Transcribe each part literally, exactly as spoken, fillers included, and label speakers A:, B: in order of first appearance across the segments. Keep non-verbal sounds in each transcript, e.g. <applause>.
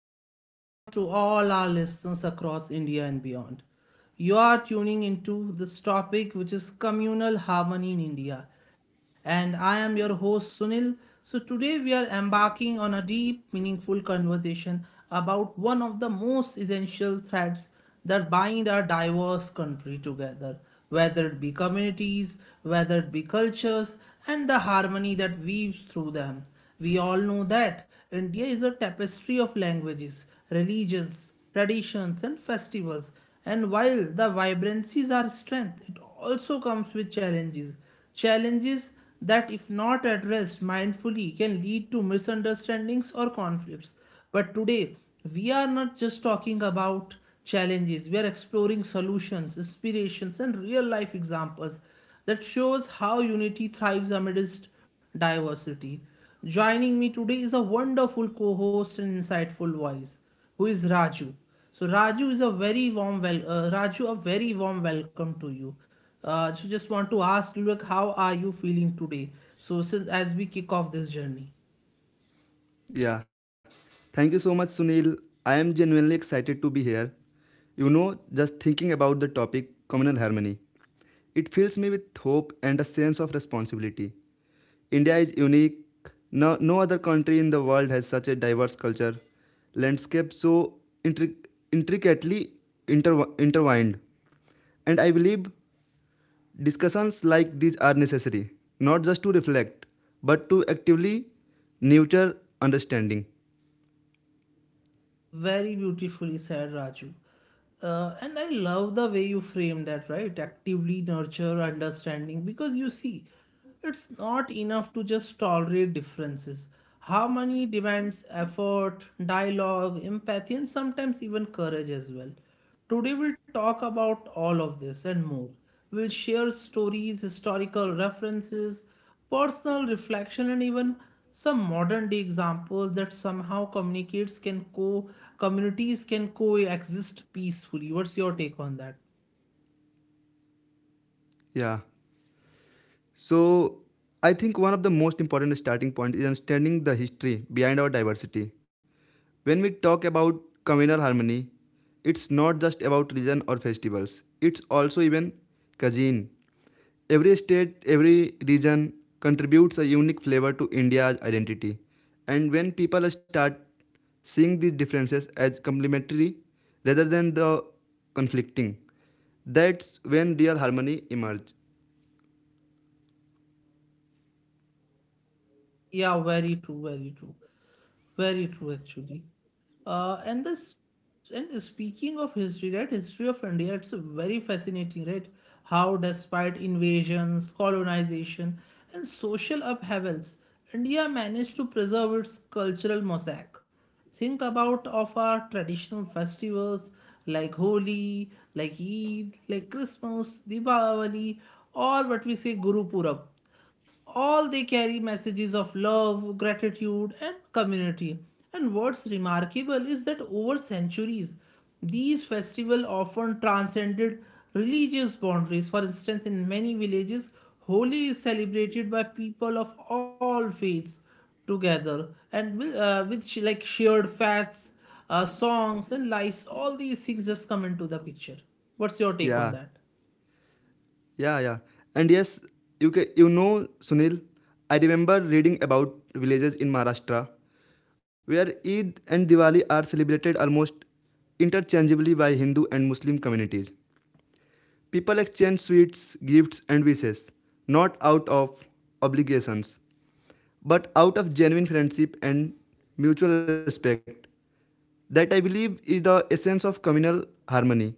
A: warm welcome to all our listeners across India and beyond. You are tuning into this topic which is communal harmony in India and I am your host Sunil. So today we are embarking on a deep meaningful conversation about one of the most essential threads that bind our diverse country together, whether it be communities, whether it be cultures, and the harmony that weaves through them. We all know that India is a tapestry of languages, religions, traditions, and festivals. And while the vibrancies are strength, it also comes with challenges. Challenges that, if not addressed mindfully, can lead to misunderstandings or conflicts. But today, we are not just talking about challenges, we are exploring solutions, inspirations, and real life examples that shows how unity thrives amidst diversity. Joining me today is a wonderful co host and insightful voice, who is Raju. So, Raju is a very warm wel- uh, Raju, a very warm welcome to you. Uh, so, just want to ask, look, how are you feeling today? So, since as we kick off this journey.
B: Yeah. Thank you so much, Sunil. I am genuinely excited to be here. You know, just thinking about the topic communal harmony, it fills me with hope and a sense of responsibility. India is unique. No, no other country in the world has such a diverse culture, landscape so intric- intricately inter- intertwined. And I believe discussions like these are necessary, not just to reflect, but to actively nurture understanding.
A: Very beautifully said, Raju. Uh, and I love the way you frame that, right? Actively nurture understanding because you see, it's not enough to just tolerate differences. Harmony demands effort, dialogue, empathy, and sometimes even courage as well. Today, we'll talk about all of this and more. We'll share stories, historical references, personal reflection and even some modern day examples that somehow communicates can co communities can coexist peacefully. What's your take on that?
B: Yeah. So, I think one of the most important starting points is understanding the history behind our diversity. When we talk about communal harmony, it's not just about religion or festivals, it's also even cuisine. Every state, every region contributes a unique flavor to India's identity. And when people start seeing these differences as complementary rather than the conflicting, that's when real harmony emerges.
A: Yeah, very true, very true, very true actually. Uh, and this and speaking of history, right? History of India, it's a very fascinating, right? How despite invasions, colonization, and social upheavals, India managed to preserve its cultural mosaic. Think about of our traditional festivals like Holi, like Eid, like Christmas, Diwali, or what we say Guru Purab. All they carry messages of love, gratitude, and community. And what's remarkable is that over centuries, these festivals often transcended religious boundaries. For instance, in many villages, Holi is celebrated by people of all faiths together and with, uh, with sh- like shared fads, uh, songs, and lies. All these things just come into the picture. What's your take on
B: Yeah.
A: that?
B: Yeah, yeah. And yes, you ca you know, Sunil, I remember reading about villages in Maharashtra where Eid and Diwali are celebrated almost interchangeably by Hindu and Muslim communities. People exchange sweets, gifts, and wishes, not out of obligations, but out of genuine friendship and mutual respect. That I believe is the essence of communal harmony,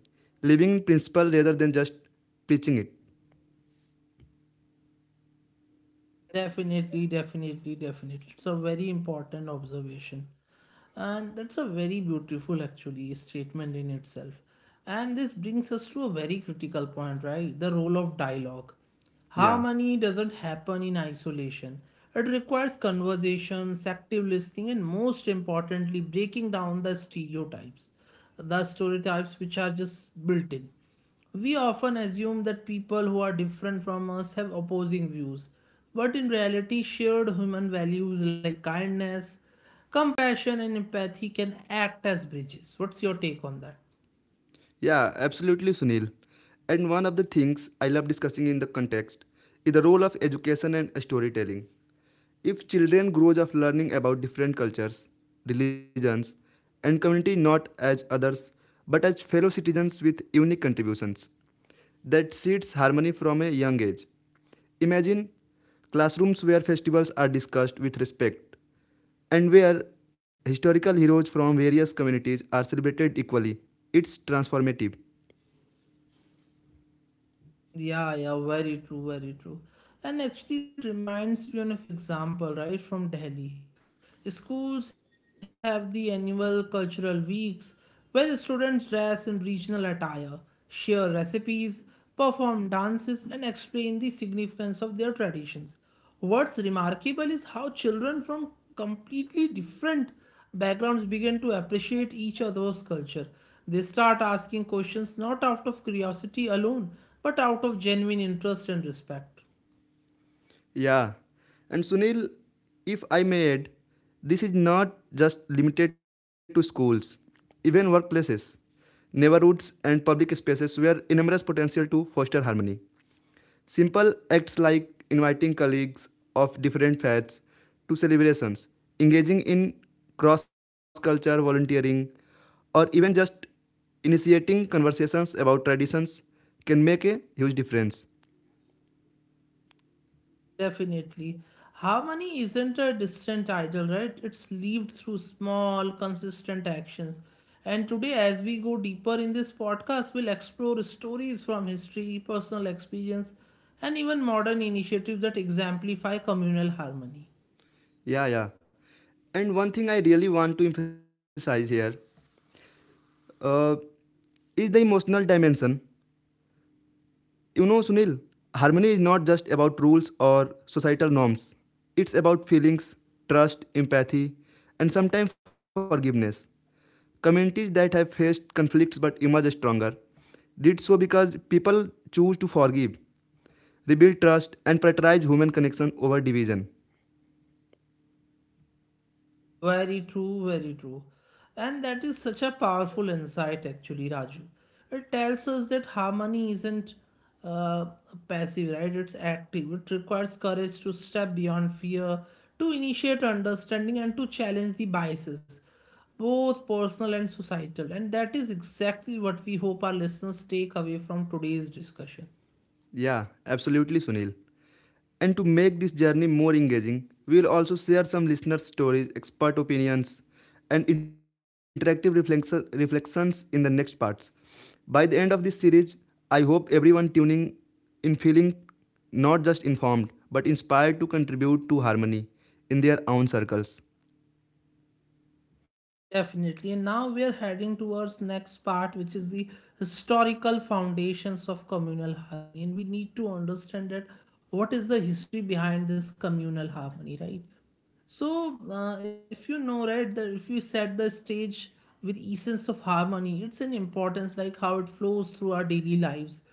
B: living principle rather than just preaching it.
A: Definitely, definitely, definitely. It's a very important observation. And that's a very beautiful, actually, statement in itself. And this brings us to a very critical point, right? The role of dialogue.
B: Yeah.
A: Harmony doesn't happen in isolation. It requires conversations, active listening, and most importantly, breaking down the stereotypes, the stereotypes which are just built in. We often assume that people who are different from us have opposing views, but in reality, shared human values like kindness, compassion and empathy can act as bridges. What's your take on that?
B: Yeah, absolutely, Sunil. And one of the things I love discussing in the context is the role of education and storytelling. If children grow up learning about different cultures, religions, and community not as others but as fellow citizens with unique contributions, that seeds harmony from a young age. Imagine classrooms where festivals are discussed with respect, and where historical heroes from various communities are celebrated equally. It's transformative.
A: Yeah, yeah, very true, very true. And actually, that reminds me of example, right, from Delhi. Schools have the annual cultural weeks where students dress in regional attire, share recipes, perform dances, and explain the significance of their traditions. What's remarkable is how children from completely different backgrounds begin to appreciate each other's culture. They start asking questions not out of curiosity alone, but out of genuine interest and respect.
B: Yeah. And Sunil, if I may add, this is not just limited to schools, even workplaces, neighborhoods, and public spaces where enormous potential to foster harmony. Simple acts like inviting colleagues of different faiths to celebrations, engaging in cross cultural volunteering, or even just initiating conversations about traditions can make a huge difference.
A: Definitely. Harmony isn't a distant ideal, right? It's lived through small, consistent actions. And today, as we go deeper in this podcast, we'll explore stories from history, personal experience, and even modern initiatives that exemplify communal harmony.
B: Yeah, yeah. And one thing I really want to emphasize here uh, is the emotional dimension. You know, Sunil, harmony is not just about rules or societal norms. It's about feelings, trust, empathy, and sometimes forgiveness. Communities that have faced conflicts but emerge stronger did so because people choose to forgive, rebuild trust, and prioritize human connection over division.
A: Very true, very true. And that is such a powerful insight, actually, Raju. It tells us that harmony isn't uh, passive, right? It's active. It requires courage to step beyond fear, to initiate understanding, and to challenge the biases, both personal and societal. And that is exactly what we hope our listeners take away from today's discussion.
B: Yeah, absolutely, Sunil. And to make this journey more engaging, we will also share some listener stories, expert opinions, and interactive reflections in the next parts. By the end of this series, I hope everyone tuning in feeling not just informed but inspired to contribute to harmony in their own circles.
A: Definitely. And now we are heading towards next part, which is the historical foundations of communal harmony. And we need to understand that what is the history behind this communal harmony, right? So, uh, if you know, right, that if you set the stage with essence of harmony, it's an importance like how it flows through our daily lives.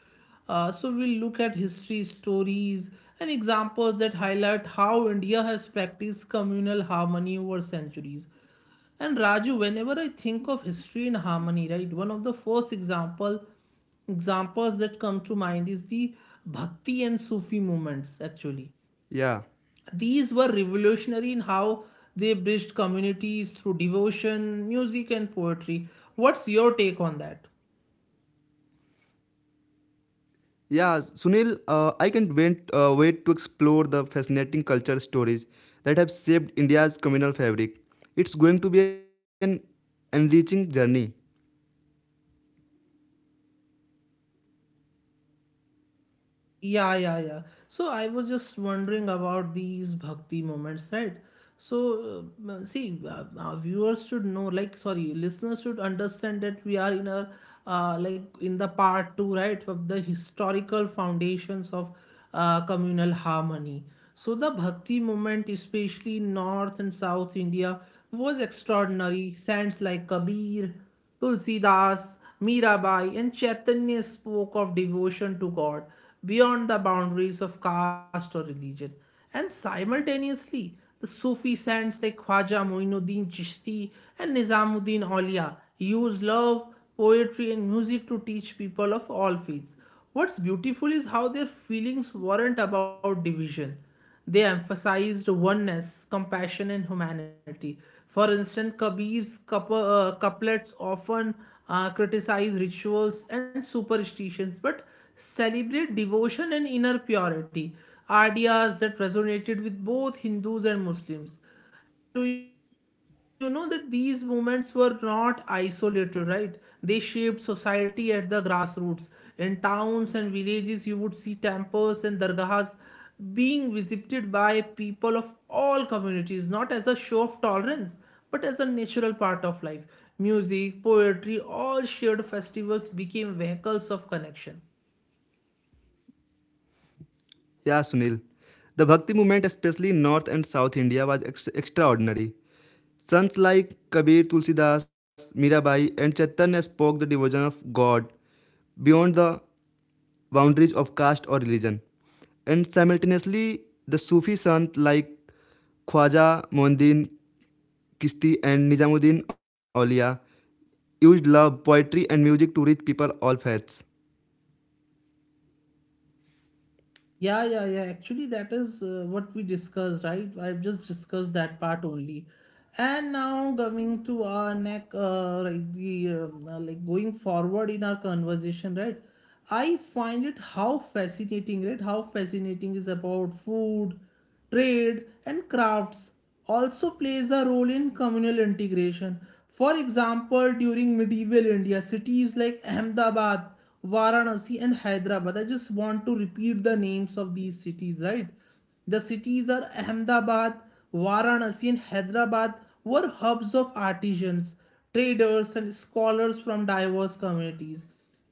A: Uh, so we'll look at history, stories, and examples that highlight how India has practiced communal harmony over centuries. And Raju, whenever I think of history and harmony, right, one of the first example examples that come to mind is the Bhakti and Sufi movements actually.
B: Yeah.
A: These were revolutionary in how they bridged communities through devotion, music, and poetry. What's your take on that?
B: Yeah, Sunil, uh, I can't wait, uh, wait to explore the fascinating culture stories that have shaped India's communal fabric. It's going to be an enriching journey.
A: Yeah, yeah, yeah. So I was just wondering about these bhakti moments, right? So, uh, see, uh, our viewers should know, like, sorry, listeners should understand that we are in a, uh, like, in the part two, right, of the historical foundations of uh, communal harmony. So the bhakti movement, especially in North and South India, was extraordinary. Saints like Kabir, Tulsidas, Mirabai, and Chaitanya spoke of devotion to God beyond the boundaries of caste or religion. And simultaneously, the Sufi saints like Khwaja Moinuddin Chishti and Nizamuddin Aulia used love, poetry, and music to teach people of all faiths. What's beautiful is how their feelings weren't about division. They emphasized oneness, compassion, and humanity. For instance, Kabir's coup- uh, couplets often uh, criticize rituals and superstitions but celebrate devotion and inner purity, ideas that resonated with both Hindus and Muslims. And do you know that these movements were not isolated, right? They shaped society at the grassroots. In towns and villages, you would see temples and dargahas being visited by people of all communities, not as a show of tolerance, but as a natural part of life. Music, poetry, all shared festivals became vehicles of connection.
B: Yeah, Sunil. The Bhakti movement, especially in North and South India, was ex- extraordinary. Sons like Kabir, Tulsidas, Mirabai, and Chaitanya spoke the devotion of God beyond the boundaries of caste or religion. And simultaneously, the Sufi sons like Khwaja Mondin Kisti and Nizamuddin Aulia used love, poetry, and music to reach people all faiths.
A: Yeah, yeah, yeah. Actually, that is uh, what we discussed, right? I've just discussed that part only. And now coming to our neck, uh, right, the um, uh, like going forward in our conversation, right? I find it how fascinating, right? How fascinating is about food, trade and crafts also plays a role in communal integration. For example, during medieval India, cities like Ahmedabad, Varanasi, and Hyderabad. I just want to repeat the names of these cities, right? The cities are Ahmedabad, Varanasi, and Hyderabad were hubs of artisans, traders, and scholars from diverse communities.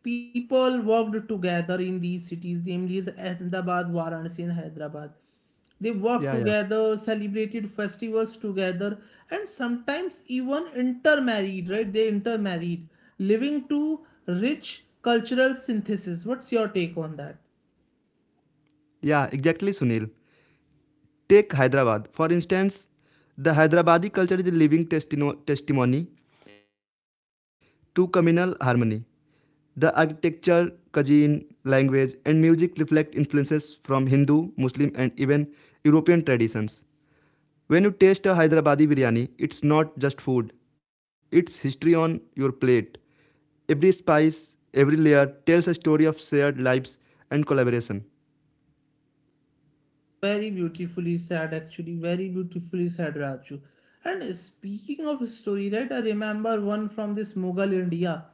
A: People worked together in these cities, namely as Ahmedabad, Varanasi, and Hyderabad. They worked
B: Yeah, yeah.
A: together, celebrated festivals together, and sometimes even intermarried, right? They intermarried, leading to rich cultural synthesis. What's your take on that?
B: Yeah, exactly, Sunil. Take Hyderabad. For instance, the Hyderabadi culture is a living testimony to communal harmony. The architecture, cuisine, language, and music reflect influences from Hindu, Muslim, and even European traditions. When you taste a Hyderabadi biryani, it's not just food, it's history on your plate. Every spice, every layer tells a story of shared lives and collaboration.
A: Very beautifully said, actually. Very beautifully said, Raju. And speaking of story, right, I remember one from this Mughal India.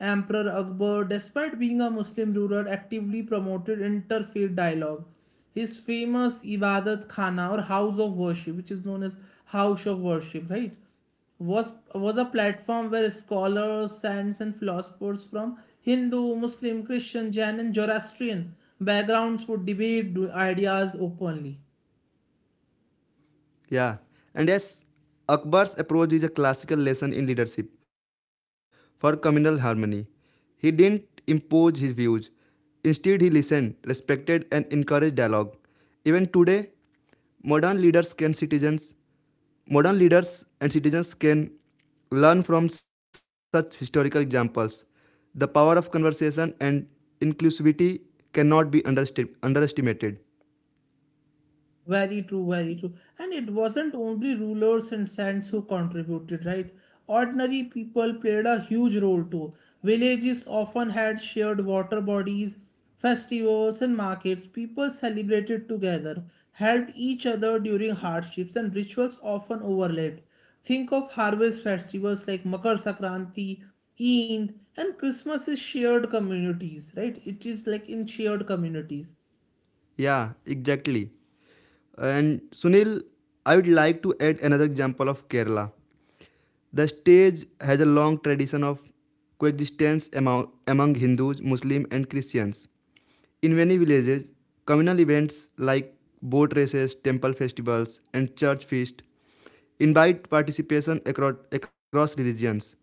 A: Emperor Akbar, despite being a Muslim ruler, actively promoted interfaith dialogue. His famous Ibadat Khana or house of worship, which is known as house of worship, right? was was a platform where scholars, saints, and philosophers from Hindu, Muslim, Christian, Jain, and Zoroastrian backgrounds would debate ideas openly.
B: Yeah, and yes, Akbar's approach is a classical lesson in leadership for communal harmony. He didn't impose his views. Instead, he listened, respected, and encouraged dialogue. Even today, modern leaders can citizens, modern leaders and citizens can learn from such historical examples. The power of conversation and inclusivity cannot be underesti- underestimated.
A: Very true, very true. And it wasn't only rulers and saints who contributed, right? Ordinary people played a huge role too. Villages often had shared water bodies, festivals, and markets. People celebrated together, helped each other during hardships, and rituals often overlapped. Think of harvest festivals like Makar Sakranti, Eid, and Christmas is shared communities, right? It is like in shared communities.
B: Yeah, exactly. And Sunil, I would like to add another example of Kerala. The stage has a long tradition of coexistence among, among Hindus, Muslims, and Christians. In many villages, communal events like boat races, temple festivals, and church feasts invite participation across, across religions.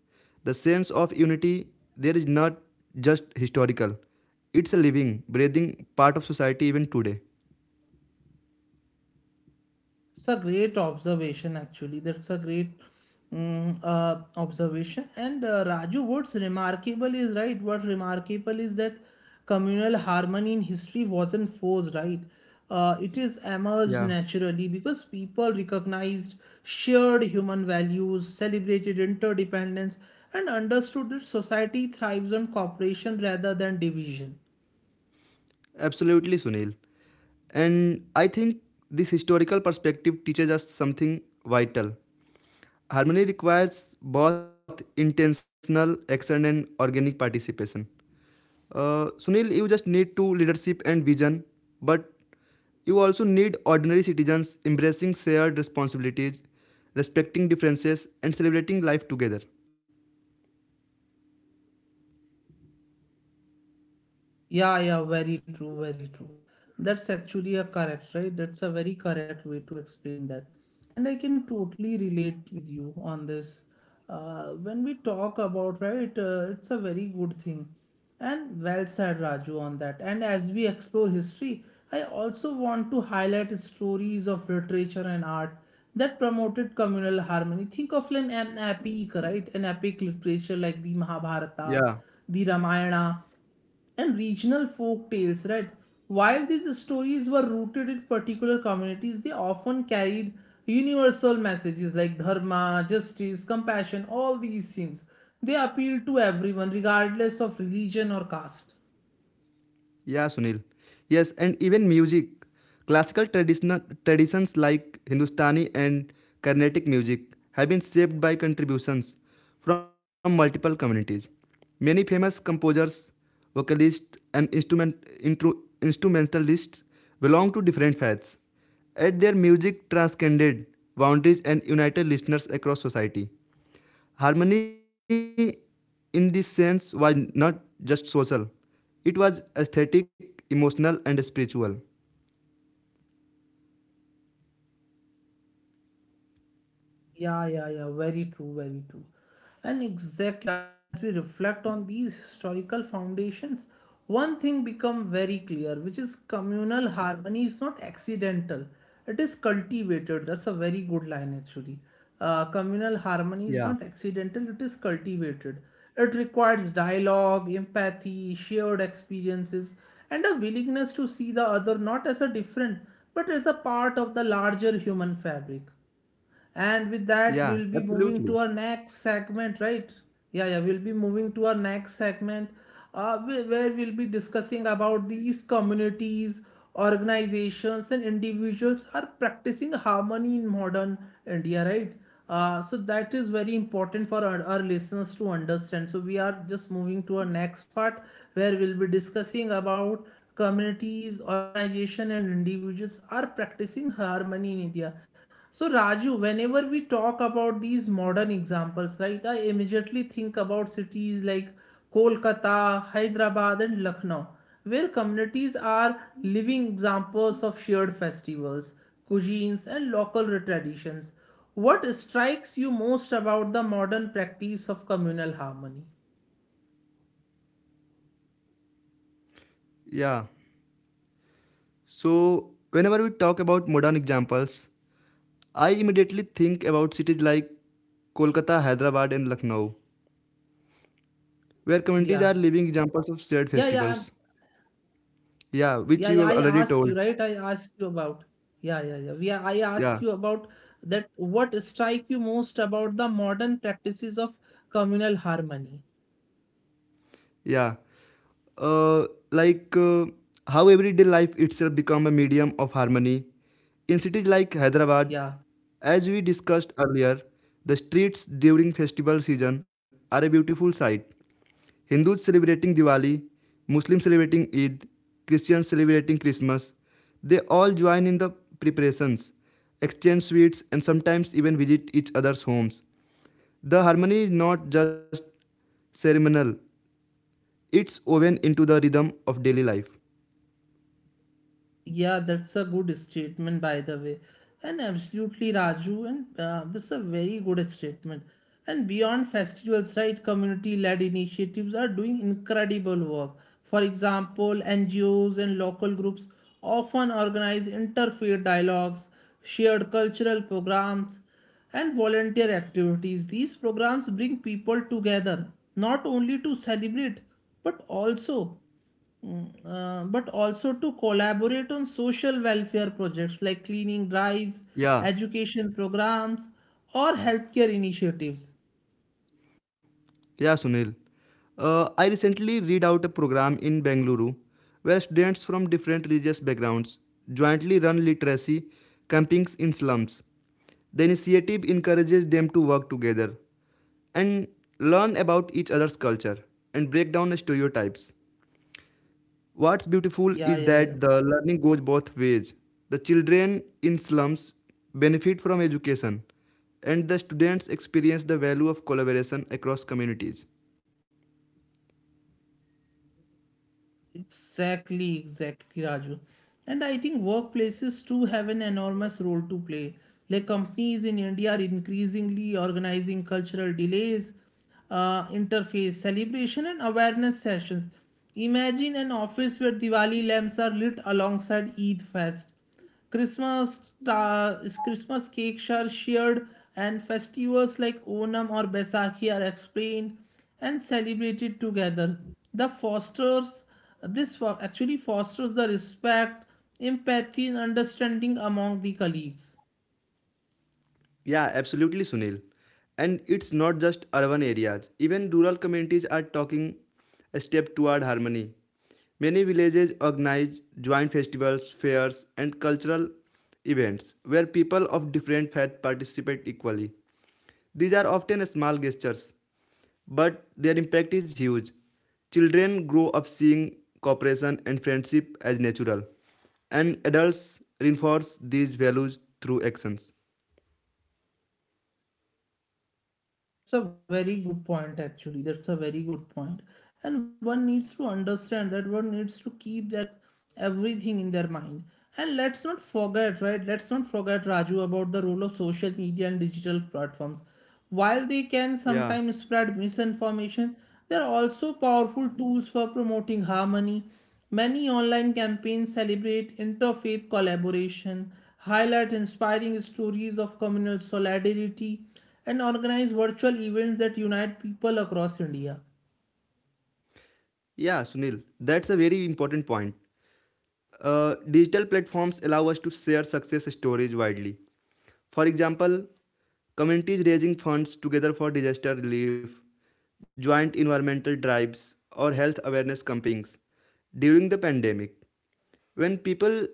B: The sense of unity there is not just historical, it's a living, breathing part of society even today.
A: It's a great observation, actually. That's a great mm, uh, observation. And uh, Raju, what's remarkable is right. What remarkable is that communal harmony in history wasn't forced, right? Uh, it is emerged
B: Yeah,
A: naturally because people recognized shared human values, celebrated interdependence, and understood that society thrives on cooperation rather than division.
B: absolutely, Sunil. And I think this historical perspective teaches us something vital. Harmony requires both intentional action and organic participation. Uh, Sunil, you just need to leadership and vision, but you also need ordinary citizens embracing shared responsibilities, respecting differences, and celebrating life together.
A: Yeah, yeah, very true, very true. That's actually a correct, right? That's a very correct way to explain that. And I can totally relate with you on this. Uh, when we talk about, right, uh, it's a very good thing. And well said, Raju, on that. And as we explore history, I also want to highlight stories of literature and art that promoted communal harmony. Think of an, an epic, right? An epic literature like the
B: Yeah.
A: Mahabharata, the Ramayana and regional folk tales, right? While these stories were rooted in particular communities, they often carried universal messages like dharma, justice, compassion, all these things. They appeal to everyone, regardless of religion or caste.
B: Yeah, Sunil. Yes, and even music. Classical traditional traditions like Hindustani and Carnatic music have been shaped by contributions from multiple communities. Many famous composers, vocalists, and instrument, intro, instrumentalists belong to different faiths. Yet their music transcended boundaries and united listeners across society. Harmony, in this sense, was not just social, it was aesthetic, emotional, and spiritual.
A: Yeah, yeah, yeah. Very true, very true. And exactly, Raju. And as we reflect on these historical foundations, one thing become very clear, which is communal harmony is not accidental. It is cultivated. That's a very good line, actually. Uh, communal
B: Yeah,
A: harmony is not accidental. It is cultivated. It requires dialogue, empathy, shared experiences, and a willingness to see the other not as a different, but as a part of the larger human fabric. And with
B: yeah,
A: that, we'll be
B: absolutely.
A: moving to our next segment, right? Yeah, yeah, we'll be moving to our next segment uh, wh- where we'll be discussing about these communities, organizations, and individuals are practicing harmony in modern India, right? Uh, so that is very important for our, our listeners to understand. So we are just moving to our next part where we'll be discussing about communities, organization, and individuals are practicing harmony in India. So, Raju, whenever we talk about these modern examples, right, I immediately think about cities like Kolkata, Hyderabad, and Lucknow, where communities are living examples of shared festivals, cuisines, and local traditions. What strikes you most about the modern practice of communal harmony?
B: Yeah. So, whenever we talk about modern examples, I immediately think about cities like Kolkata, Hyderabad, and Lucknow, where communities
A: Yeah,
B: are living examples of shared
A: yeah, yeah.
B: festivals. Yeah, which
A: Yeah,
B: you
A: yeah,
B: have
A: I
B: already
A: ask
B: told.
A: you, right? I ask you about. Yeah, yeah, yeah. We, I ask
B: Yeah,
A: you about that. What strike you most about the modern practices of communal harmony?
B: yeah. Uh, like uh, how everyday life itself become a medium of harmony. In cities like Hyderabad,
A: Yeah.
B: as we discussed earlier, the streets during festival season are a beautiful sight. Hindus celebrating Diwali, Muslims celebrating Eid, Christians celebrating Christmas. They all join in the preparations, exchange sweets, and sometimes even visit each other's homes. The harmony is not just ceremonial, it's woven into the rhythm of daily life.
A: Yeah, that's a good statement, by the way. And absolutely, Raju, and uh, that's a very good statement. And beyond festivals, right, community led initiatives are doing incredible work. For example, N G Os and local groups often organize interfaith dialogues, shared cultural programs, and volunteer activities. These programs bring people together, not only to celebrate, but also Mm, uh, but also to collaborate on social welfare projects like cleaning drives,
B: Yeah,
A: education programs, or healthcare initiatives.
B: yeah, Sunil. Uh, I recently read out a program in Bengaluru where students from different religious backgrounds jointly run literacy campings in slums. The initiative encourages them to work together and learn about each other's culture and break down stereotypes. What's beautiful
A: Yeah,
B: is
A: yeah, yeah.
B: that the learning goes both ways. The children in slums benefit from education, and the students experience the value of collaboration across communities.
A: Exactly, exactly, Raju. And I think workplaces too have an enormous role to play. Like companies in India are increasingly organizing cultural delays, uh, interface celebration, and awareness sessions. Imagine an office where Diwali lamps are lit alongside Eid Fest Christmas ta- Christmas cakes are shared, and festivals like Onam or Baisakhi are explained and celebrated together. The fosters this fo- actually fosters the respect, empathy, and understanding among the colleagues.
B: Yeah, absolutely, Sunil. And it's not just urban areas, even rural communities are taking a step toward harmony. Many villages organize joint festivals, fairs, and cultural events where people of different faiths participate equally. These are often small gestures but their impact is huge. Children grow up seeing cooperation and friendship as natural, and adults reinforce these values through actions.
A: That's a very good point, actually. That's a very good point. And one needs to understand that one needs to keep that everything in their mind. And let's not forget, right? Let's not forget, Raju, about the role of social media and digital platforms. While they can sometimes
B: Yeah,
A: spread misinformation, they're also powerful tools for promoting harmony. Many online campaigns celebrate interfaith collaboration, highlight inspiring stories of communal solidarity, and organize virtual events that unite people across India.
B: yeah, Sunil, that's a very important point. Uh, digital platforms allow us to share success stories widely. For example, communities raising funds together for disaster relief, joint environmental drives, or health awareness campaigns during the pandemic. When people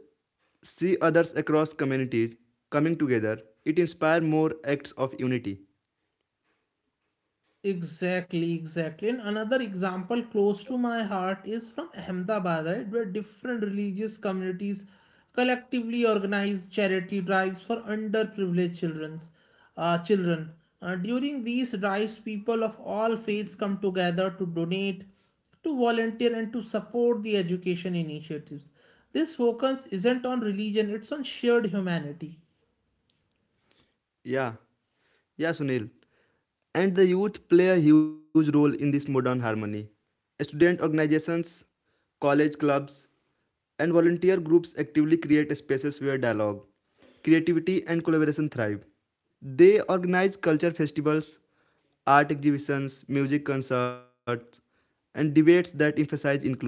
B: see others across communities coming together, it inspires more acts of unity.
A: Exactly, exactly. And another example close to my heart is from Ahmedabad, right, where different religious communities collectively organize charity drives for underprivileged children's, uh, children. Uh, during these drives, people of all faiths come together to donate, to volunteer, and to support the education initiatives. This focus isn't on religion, it's on shared humanity.
B: Yeah, yeah, Sunil. And the youth play a huge role in this modern harmony. Student organizations, college clubs, and volunteer groups actively create spaces where dialogue, creativity, and collaboration thrive. They organize culture festivals, art exhibitions, music concerts, and debates that emphasize inclusion.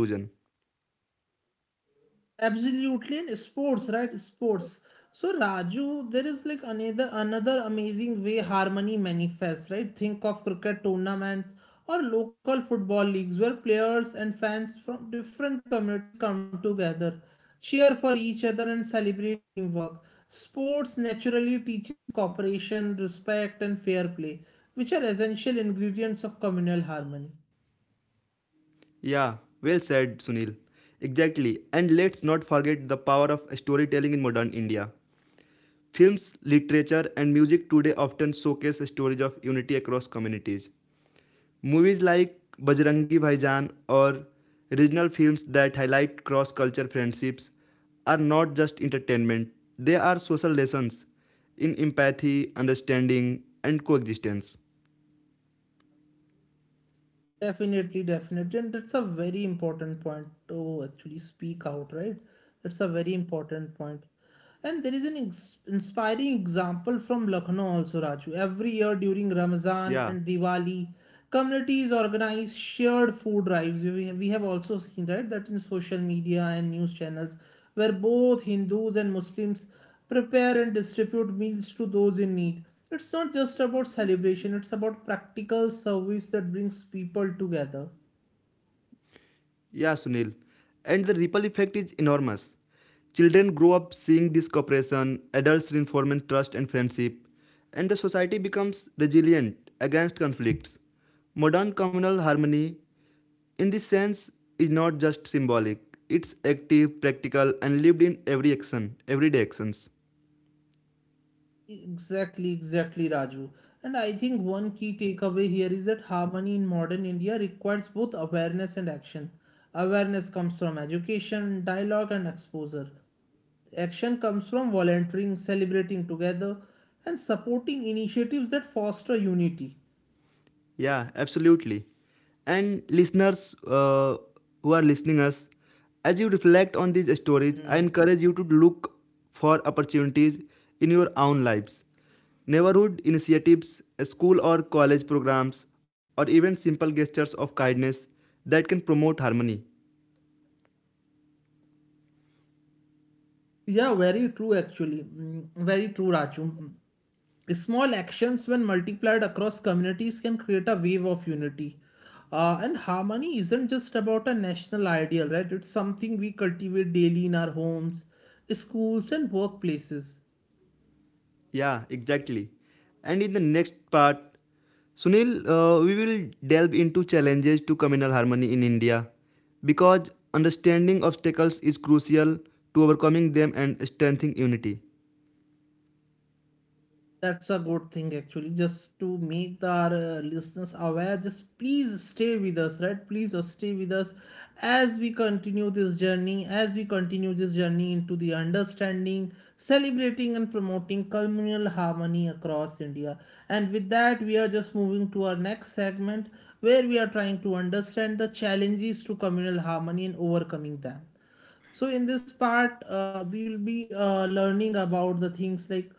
A: Absolutely, and sports, right? Sports. So Raju, there is like another another amazing way harmony manifests, right? Think of cricket tournaments or local football leagues where players and fans from different communities come together, cheer for each other and celebrate teamwork. Sports naturally teaches cooperation, respect, and fair play, which are essential ingredients of communal harmony.
B: Yeah, well said, Sunil. Exactly. And let's not forget the power of storytelling in modern India. Films, literature, and music today often showcase stories of unity across communities. Movies like Bajrangi Bhaijaan or regional films that highlight cross culture friendships are not just entertainment, they are social lessons in empathy, understanding, and coexistence.
A: Definitely, definitely. And that's a very important point to actually speak out, right? That's a very important point. And there is an ins- inspiring example from Lucknow also, Raju. Every year during Ramzan
B: Yeah.
A: and Diwali, communities organize shared food drives. We have, we have also seen, right, that in social media and news channels, where both Hindus and Muslims prepare and distribute meals to those in need. It's not just about celebration, it's about practical service that brings people together.
B: Yeah, Sunil. And the ripple effect is enormous. Children grow up seeing this cooperation, adults reinforce trust and friendship, and the society becomes resilient against conflicts. Modern communal harmony, in this sense, is not just symbolic, it's active, practical, and lived in every action, everyday actions.
A: Exactly, exactly, Raju. And I think one key takeaway here is that harmony in modern India requires both awareness and action. Awareness comes from education, dialogue, and exposure. Action comes from volunteering, celebrating together, and supporting initiatives that foster unity.
B: Yeah, absolutely. And listeners uh, who are listening us, as you reflect on these stories, I encourage you to look for opportunities in your own lives. Neighborhood initiatives, school or college programs, or even simple gestures of kindness that can promote harmony.
A: Yeah, very true actually. Mm, Very true, Raju. Mm. Small actions, when multiplied across communities, can create a wave of unity. Uh, and harmony isn't just about a national ideal, right? It's something we cultivate daily in our homes, schools, and workplaces.
B: Yeah, exactly. And in the next part, Sunil, uh, we will delve into challenges to communal harmony in India because understanding obstacles is crucial to overcoming them and strengthening unity.
A: That's a good thing actually. Just to make the, our uh, listeners aware, just please stay with us, right? Please uh, stay with us as we continue this journey, as we continue this journey into the understanding, celebrating, and promoting communal harmony across India. And with that, we are just moving to our next segment where we are trying to understand the challenges to communal harmony and overcoming them. So in this part, uh, we will be uh, learning about the things like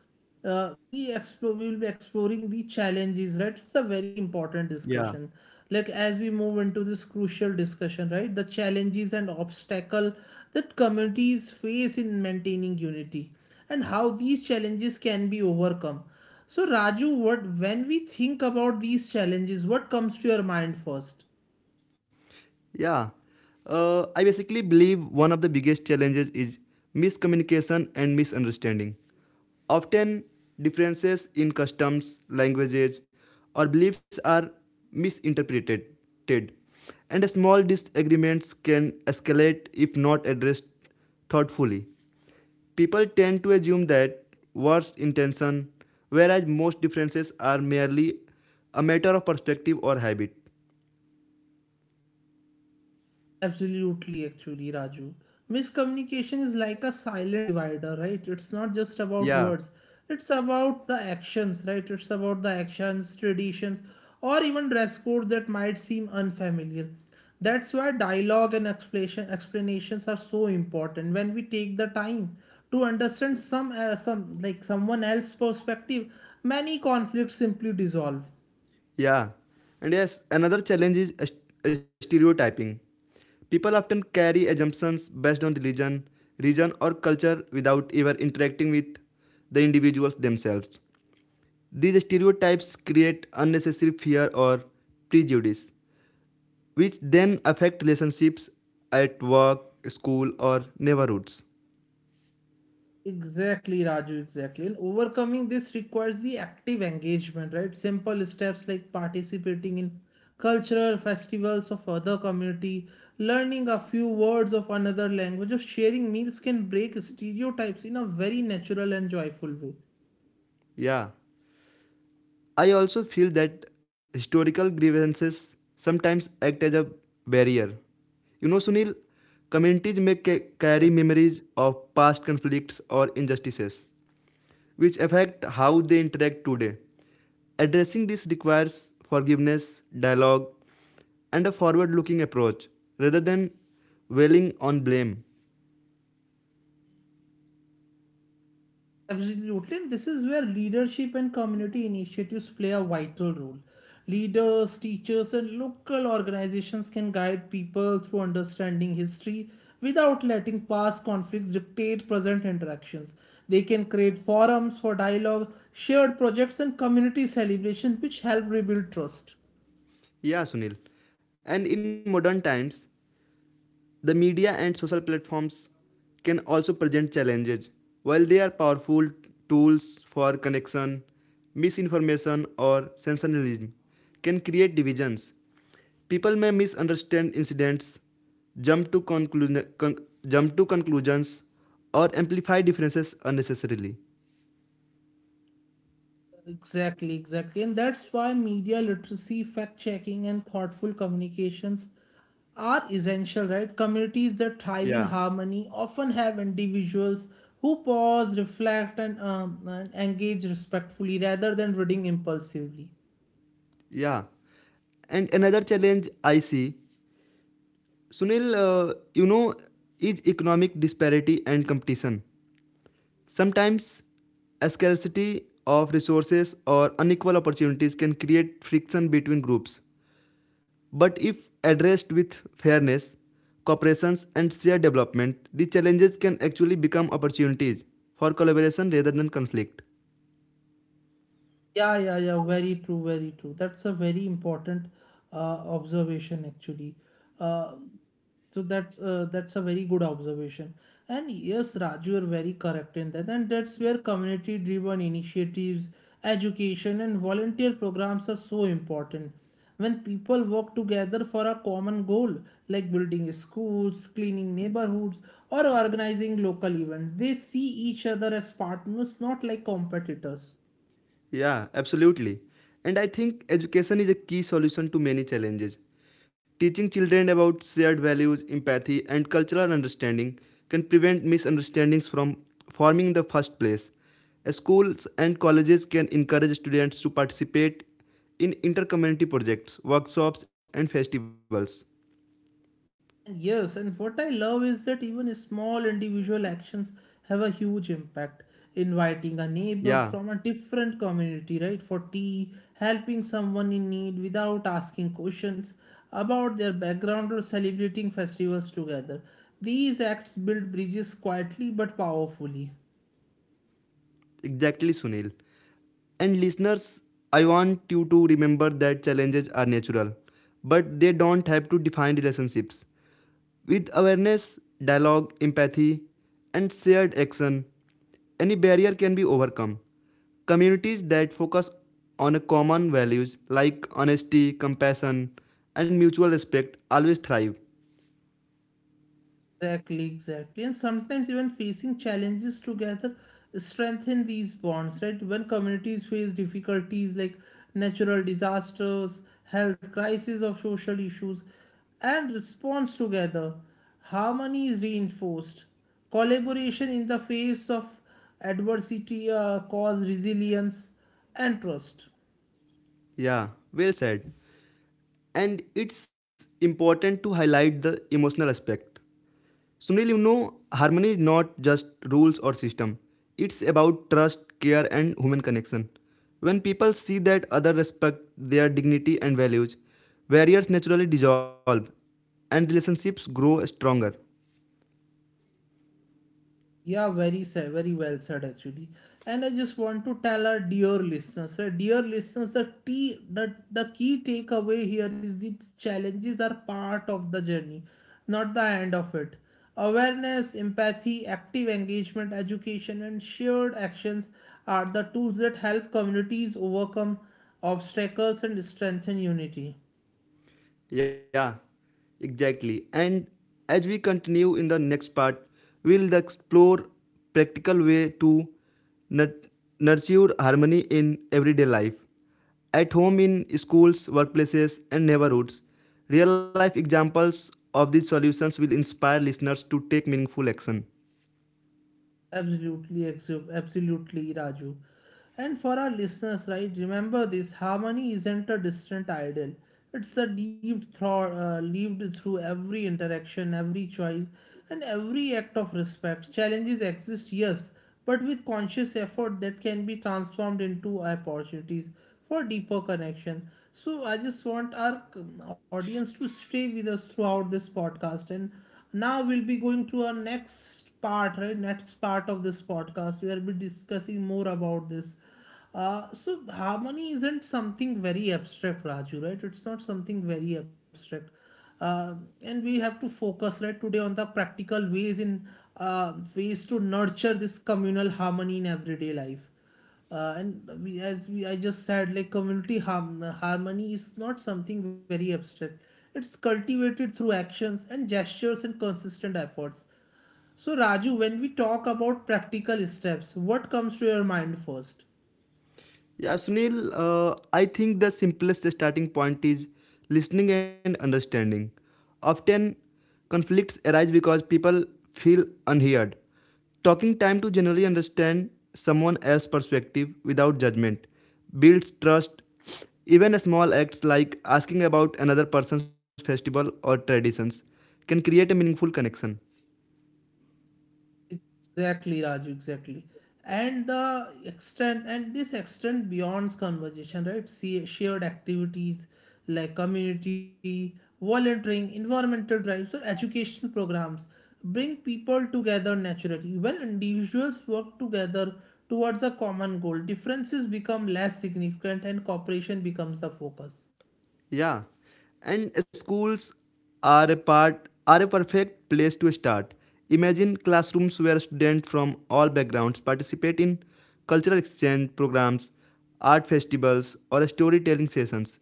A: uh, we explore we will be exploring the challenges, right? It's a very important
B: Yeah.
A: discussion like as we move into this crucial discussion, right? The challenges and obstacle that communities face in maintaining unity and how these challenges can be overcome. So Raju, what when we think about these challenges, what comes to your mind first?
B: Yeah, uh, I basically believe one of the biggest challenges is miscommunication and misunderstanding. Often, differences in customs, languages, or beliefs are misinterpreted, and small disagreements can escalate if not addressed thoughtfully. People tend to assume that worst intention, whereas most differences are merely a matter of perspective or habit.
A: Absolutely, actually, Raju. Miscommunication is like a silent divider, right? It's not just about
B: Yeah.
A: words, it's about the actions, right? It's about the actions, traditions, or even dress codes that might seem unfamiliar. That's why dialogue and explanation, explanations are so important. When we take the time to understand some, uh, some like someone else's perspective, many conflicts simply dissolve.
B: Yeah. And yes, another challenge is st- stereotyping. People often carry assumptions based on religion, region, or culture without ever interacting with the individuals themselves. These stereotypes create unnecessary fear or prejudice, which then affect relationships at work, school, or neighborhoods.
A: Exactly, Raju, exactly. And overcoming this requires the active engagement, right? Simple steps like participating in cultural festivals of other community, learning a few words of another language, or sharing meals can break stereotypes in a very natural and joyful way.
B: Yeah. I also feel that historical grievances sometimes act as a barrier. You know, Sunil, communities may ca- carry memories of past conflicts or injustices, which affect how they interact today. Addressing this requires forgiveness, dialogue, and a forward looking approach rather than dwelling on blame.
A: Absolutely, totally. And this is where leadership and community initiatives play a vital role. Leaders, teachers, and local organizations can guide people through understanding history without letting past conflicts dictate present interactions. They can create forums for dialogue, shared projects, and community celebration, which help rebuild trust.
B: Yeah, Sunil. And in modern times, the media and social platforms can also present challenges. While they are powerful tools for connection, misinformation or sensationalism can create divisions. People may misunderstand incidents, jump to, conclu- con- jump to conclusions, or amplify differences unnecessarily.
A: Exactly, exactly. And that's why media literacy, fact checking, and thoughtful communications are essential, right? Communities that thrive in
B: Yeah,
A: harmony often have individuals who pause, reflect, and, um, and engage respectfully rather than reading impulsively.
B: yeah. And another challenge I see, Sunil, uh, you know, is economic disparity and competition. Sometimes, a scarcity of resources or unequal opportunities can create friction between groups. But if addressed with fairness, cooperation, and shared development, the challenges can actually become opportunities for collaboration rather than conflict.
A: Yeah, yeah, yeah. Very true, very true. That's a very important uh, observation, actually. Uh, So that's uh, that's a very good observation. And yes, Raj, you are very correct in that. And that's where community-driven initiatives, education, and volunteer programs are so important. When people work together for a common goal, like building schools, cleaning neighborhoods, or organizing local events, they see each other as partners, not like competitors.
B: Yeah, absolutely. And I think education is a key solution to many challenges. Teaching children about shared values, empathy, and cultural understanding can prevent misunderstandings from forming in the first place. Schools and colleges can encourage students to participate in intercommunity projects, workshops, and festivals.
A: Yes, and what I love is that even small individual actions have a huge impact. Inviting a
B: Yeah,
A: neighbor from a different community, right, for tea, helping someone in need without asking questions about their background, or celebrating festivals together. These acts build bridges quietly but powerfully.
B: exactly, Sunil. And listeners, I want you to remember that challenges are natural, but they don't have to define relationships. With awareness, dialogue, empathy, and shared action, any barrier can be overcome. Communities that focus on common values like honesty, compassion, and mutual respect always thrive.
A: Exactly, exactly. And sometimes even facing challenges together strengthen these bonds, right? When communities face difficulties like natural disasters, health crises, or social issues, and responds together, harmony is reinforced. Collaboration in the face of adversity uh, cause resilience and trust.
B: Yeah, well said. And it's important to highlight the emotional aspect. Sunil, you know, harmony is not just rules or system. It's about trust, care, and human connection. When people see that others respect their dignity and values, barriers naturally dissolve and relationships grow stronger.
A: Yeah, very sa- very well said actually. And I just want to tell our dear listeners, uh, dear listeners, the tea the, the key takeaway here is the challenges are part of the journey, not the end of it. Awareness, empathy, active engagement, education, and shared actions are the tools that help communities overcome obstacles and strengthen unity.
B: Yeah, exactly. And as we continue in the next part, we'll explore practical way to nut- nurture harmony in everyday life. At home, in schools, workplaces, and neighborhoods, real life examples of these solutions will inspire listeners to take meaningful action.
A: Absolutely, exu- absolutely, Raju. And for our listeners, right, remember this harmony isn't a distant ideal. It's a lived, thro- uh, lived through every interaction, every choice, and every act of respect. Challenges exist, yes, but with conscious effort that can be transformed into opportunities for deeper connection. So, I just want our um, audience to stay with us throughout this podcast. And now we'll be going to our next next part, right? Next part of this podcast we will be discussing more about this. Uh, so harmony isn't something very abstract, Raju, right? It's not something very abstract. Uh, and we have to focus right today on the practical ways in uh, ways to nurture this communal harmony in everyday life. Uh, and we, as we I just said, like community harm, harmony is not something very abstract. It's cultivated through actions and gestures and consistent efforts. So, Raju, when we talk about practical steps, what comes to your mind first?
B: Yeah, Sunil, uh, I think the simplest starting point is listening and understanding. Often, conflicts arise because people feel unheard. Talking time to generally understand someone else's perspective without judgment builds trust. Even small acts like asking about another person's festival or traditions can create a meaningful connection.
A: Exactly, Raju, exactly. And the extent, and this extent beyond conversation, right? See, shared activities like community, volunteering, environmental drives, or educational programs bring people together naturally. When individuals work together towards a common goal, differences become less significant and cooperation becomes the focus.
B: Yeah, and schools are a part are a perfect place to start. Imagine classrooms where students from all backgrounds participate in cultural exchange programs, art festivals, or storytelling sessions.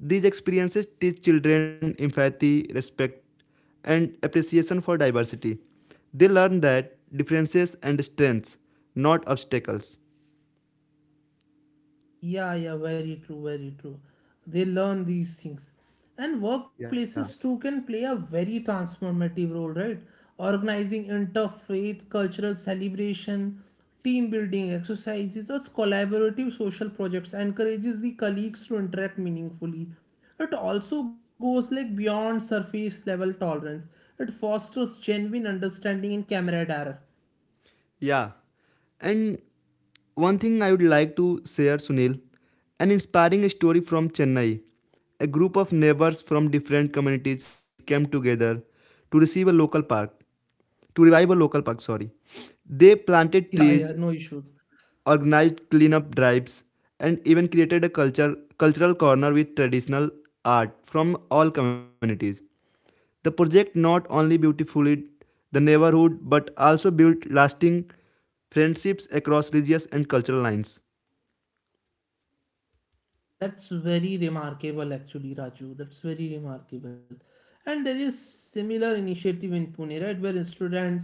B: These experiences teach children empathy, respect, and appreciation for diversity. They learn that differences and strengths, not obstacles.
A: Yeah, yeah, very true, very true. They learn these things. And
B: Yeah.
A: workplaces too can play a very transformative role, right? Organizing interfaith, cultural celebration, team building exercises, or collaborative social projects encourages the colleagues to interact meaningfully. It also goes like beyond surface level tolerance. It fosters genuine understanding and camaraderie. <laughs>
B: Yeah. And one thing I would like to share, Sunil, an inspiring story from Chennai. A group of neighbors from different communities came together to receive a local park, to revive a local park, sorry. They planted
A: Yeah, yeah,
B: trees,
A: no issues.
B: organized cleanup drives, and even created a culture cultural corner with traditional art from all communities. The project not only beautified the neighborhood but also built lasting friendships across religious and cultural lines.
A: That's very remarkable, actually, Raju. That's very remarkable. And there is similar initiative in Pune, right, where students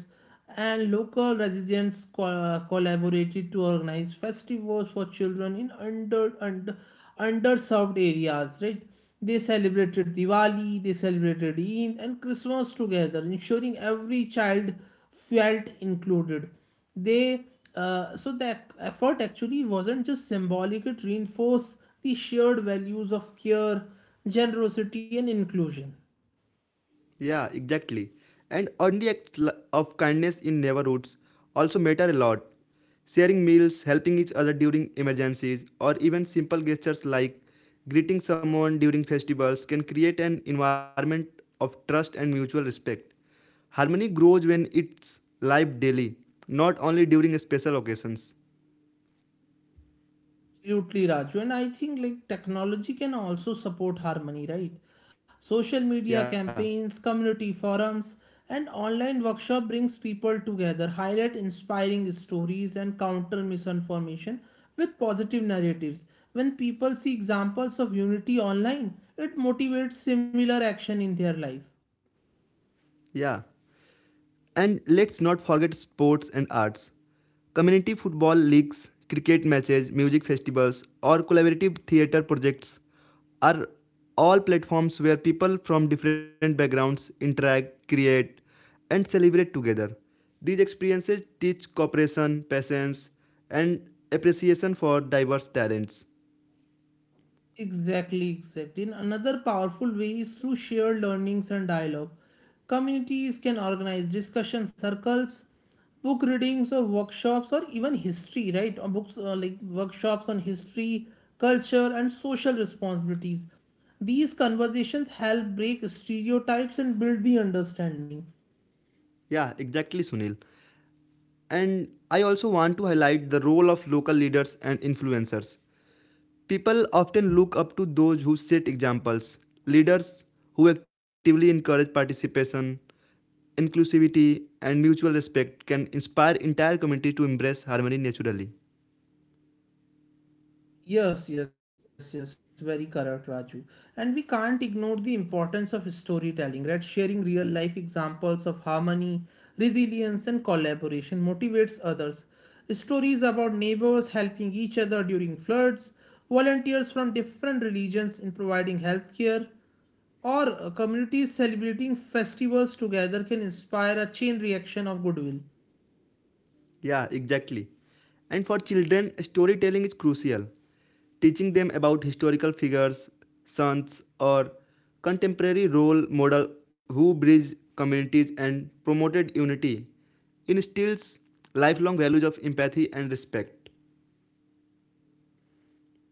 A: and local residents co- collaborated to organize festivals for children in under, under underserved areas, right? They celebrated Diwali, they celebrated Eid and Christmas together, ensuring every child felt included. They uh, so the e-, effort actually wasn't just symbolic, it reinforced the shared values of care, generosity and inclusion.
B: Yeah, exactly. And ordinary acts li- of kindness in neighborhoods also matter a lot. Sharing meals, helping each other during emergencies, or even simple gestures like greeting someone during festivals can create an environment of trust and mutual respect. Harmony grows when it's live daily, not only during special occasions.
A: Absolutely, Raju. And I think like technology can also support harmony, right? Social media
B: Yeah,
A: campaigns, community forums, and online workshop brings people together, highlight inspiring stories and counter misinformation with positive narratives. When people see examples of unity online, it motivates similar action in their life.
B: yeah. And let's not forget sports and arts. Community football leagues, cricket matches, music festivals, or collaborative theater projects are all platforms where people from different backgrounds interact, create, and celebrate together. These experiences teach cooperation, patience, and appreciation for diverse talents.
A: Exactly, exactly. And another powerful way is through shared learnings and dialogue. Communities can organize discussion circles, book readings, or workshops, or even history, right? Or books uh, like workshops on history, culture, and social responsibilities. These conversations help break stereotypes and build the understanding.
B: Yeah, exactly, Sunil. And I also want to highlight the role of local leaders and influencers. People often look up to those who set examples, leaders who actively encourage participation, inclusivity, and mutual respect can inspire entire communities to embrace harmony naturally.
A: Yes, yes, yes, very correct, Raju. And we can't ignore the importance of storytelling, right? Sharing real life examples of harmony, resilience, and collaboration motivates others. Stories about neighbors helping each other during floods, volunteers from different religions in providing healthcare, or uh, communities celebrating festivals together can inspire a chain reaction of goodwill.
B: Yeah, exactly. And for children, storytelling is crucial. Teaching them about historical figures, saints, or contemporary role models who bridge communities and promoted unity instills lifelong values of empathy and respect.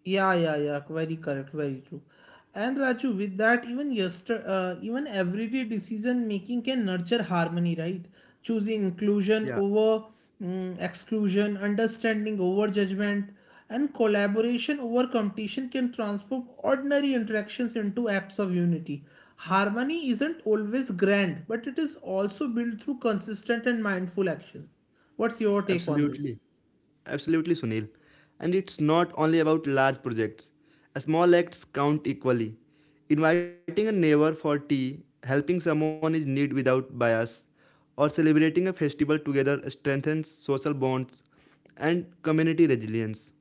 A: Yeah, yeah, yeah. Very correct. Very true. And Raju, with that, even yester, uh, even everyday decision making can nurture harmony, right? Choosing
B: Yeah.
A: inclusion over mm, exclusion, understanding over judgment, and collaboration over competition can transform ordinary interactions into acts of unity. Harmony isn't always grand, but it is also built through consistent and mindful action. What's your take on
B: Absolutely.
A: this?
B: Absolutely, Sunil. And it's not only about large projects. Small acts count equally. Inviting a neighbor for tea, helping someone in need without bias, or celebrating a festival together strengthens social bonds and community resilience.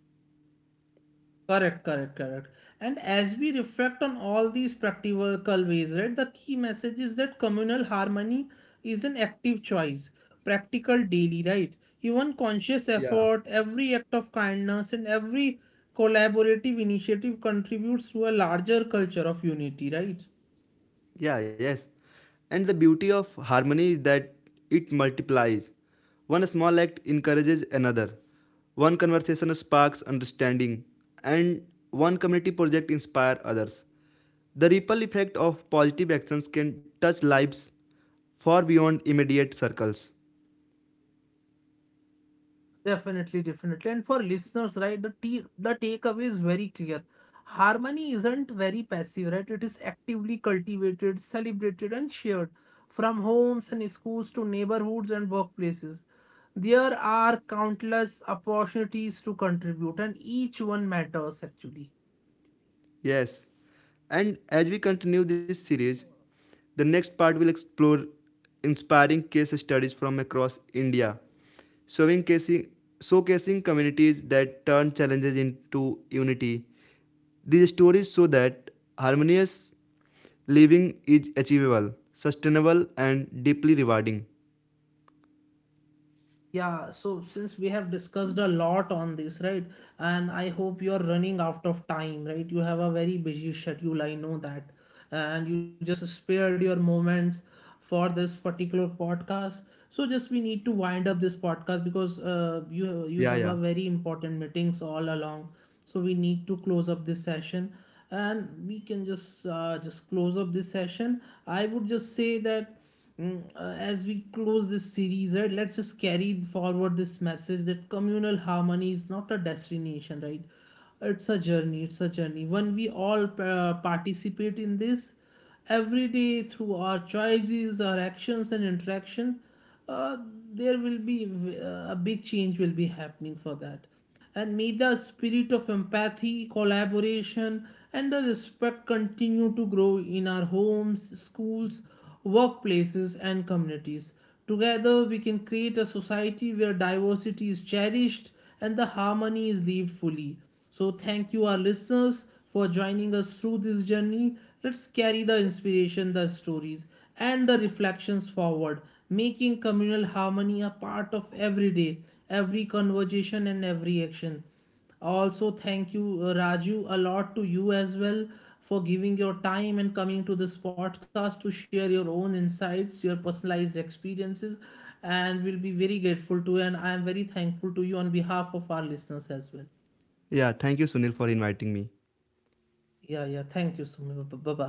A: Correct, correct, correct. And as we reflect on all these practical ways, right, the key message is that communal harmony is an active choice, practical daily, right? Even conscious
B: Yeah.
A: effort, every act of kindness, and every collaborative initiative contributes to a larger culture of unity, right?
B: Yeah, yes. And the beauty of harmony is that it multiplies. One small act encourages another. One conversation sparks understanding. And one community project inspires others. The ripple effect of positive actions can touch lives far beyond immediate circles.
A: Definitely, definitely. And for listeners, right, the t the takeaway is very clear. Harmony isn't very passive, right? It is actively cultivated, celebrated, and shared from homes and schools to neighborhoods and workplaces. There are countless opportunities to contribute, and each one matters actually.
B: Yes. And as we continue this series, the next part will explore inspiring case studies from across India, showing casing, showcasing communities that turn challenges into unity. These stories show that harmonious living is achievable, sustainable, and deeply rewarding.
A: Yeah, so since we have discussed a lot on this, right? And I hope you're running out of time, right? You have a very busy schedule, I know that. And you just spared your moments for this particular podcast. So just we need to wind up this podcast because uh, you you
B: Yeah,
A: have a
B: yeah.
A: very important meetings all along. So we need to close up this session and we can just uh, just close up this session. I would just say that Mm, uh, as we close this series, right, let's just carry forward this message that communal harmony is not a destination, right? It's a journey. It's a journey. When we all uh, participate in this every day through our choices, our actions, and interaction, uh, there will be uh, a big change will be happening for that. And may the spirit of empathy, collaboration, and the respect continue to grow in our homes, schools, workplaces, and communities. Together, we can create a society where diversity is cherished and the harmony is lived fully. So, thank you, our listeners, for joining us through this journey. Let's carry the inspiration, the stories, and the reflections forward, making communal harmony a part of every day, every conversation, and every action. Also, thank you, uh, Raju, a lot to you as well for giving your time and coming to this podcast to share your own insights, your personalized experiences, and we'll be very grateful to you. And I am very thankful to you on behalf of our listeners as well.
B: Yeah, thank you, Sunil, for inviting me.
A: Yeah, yeah. Thank you so. Bye bye.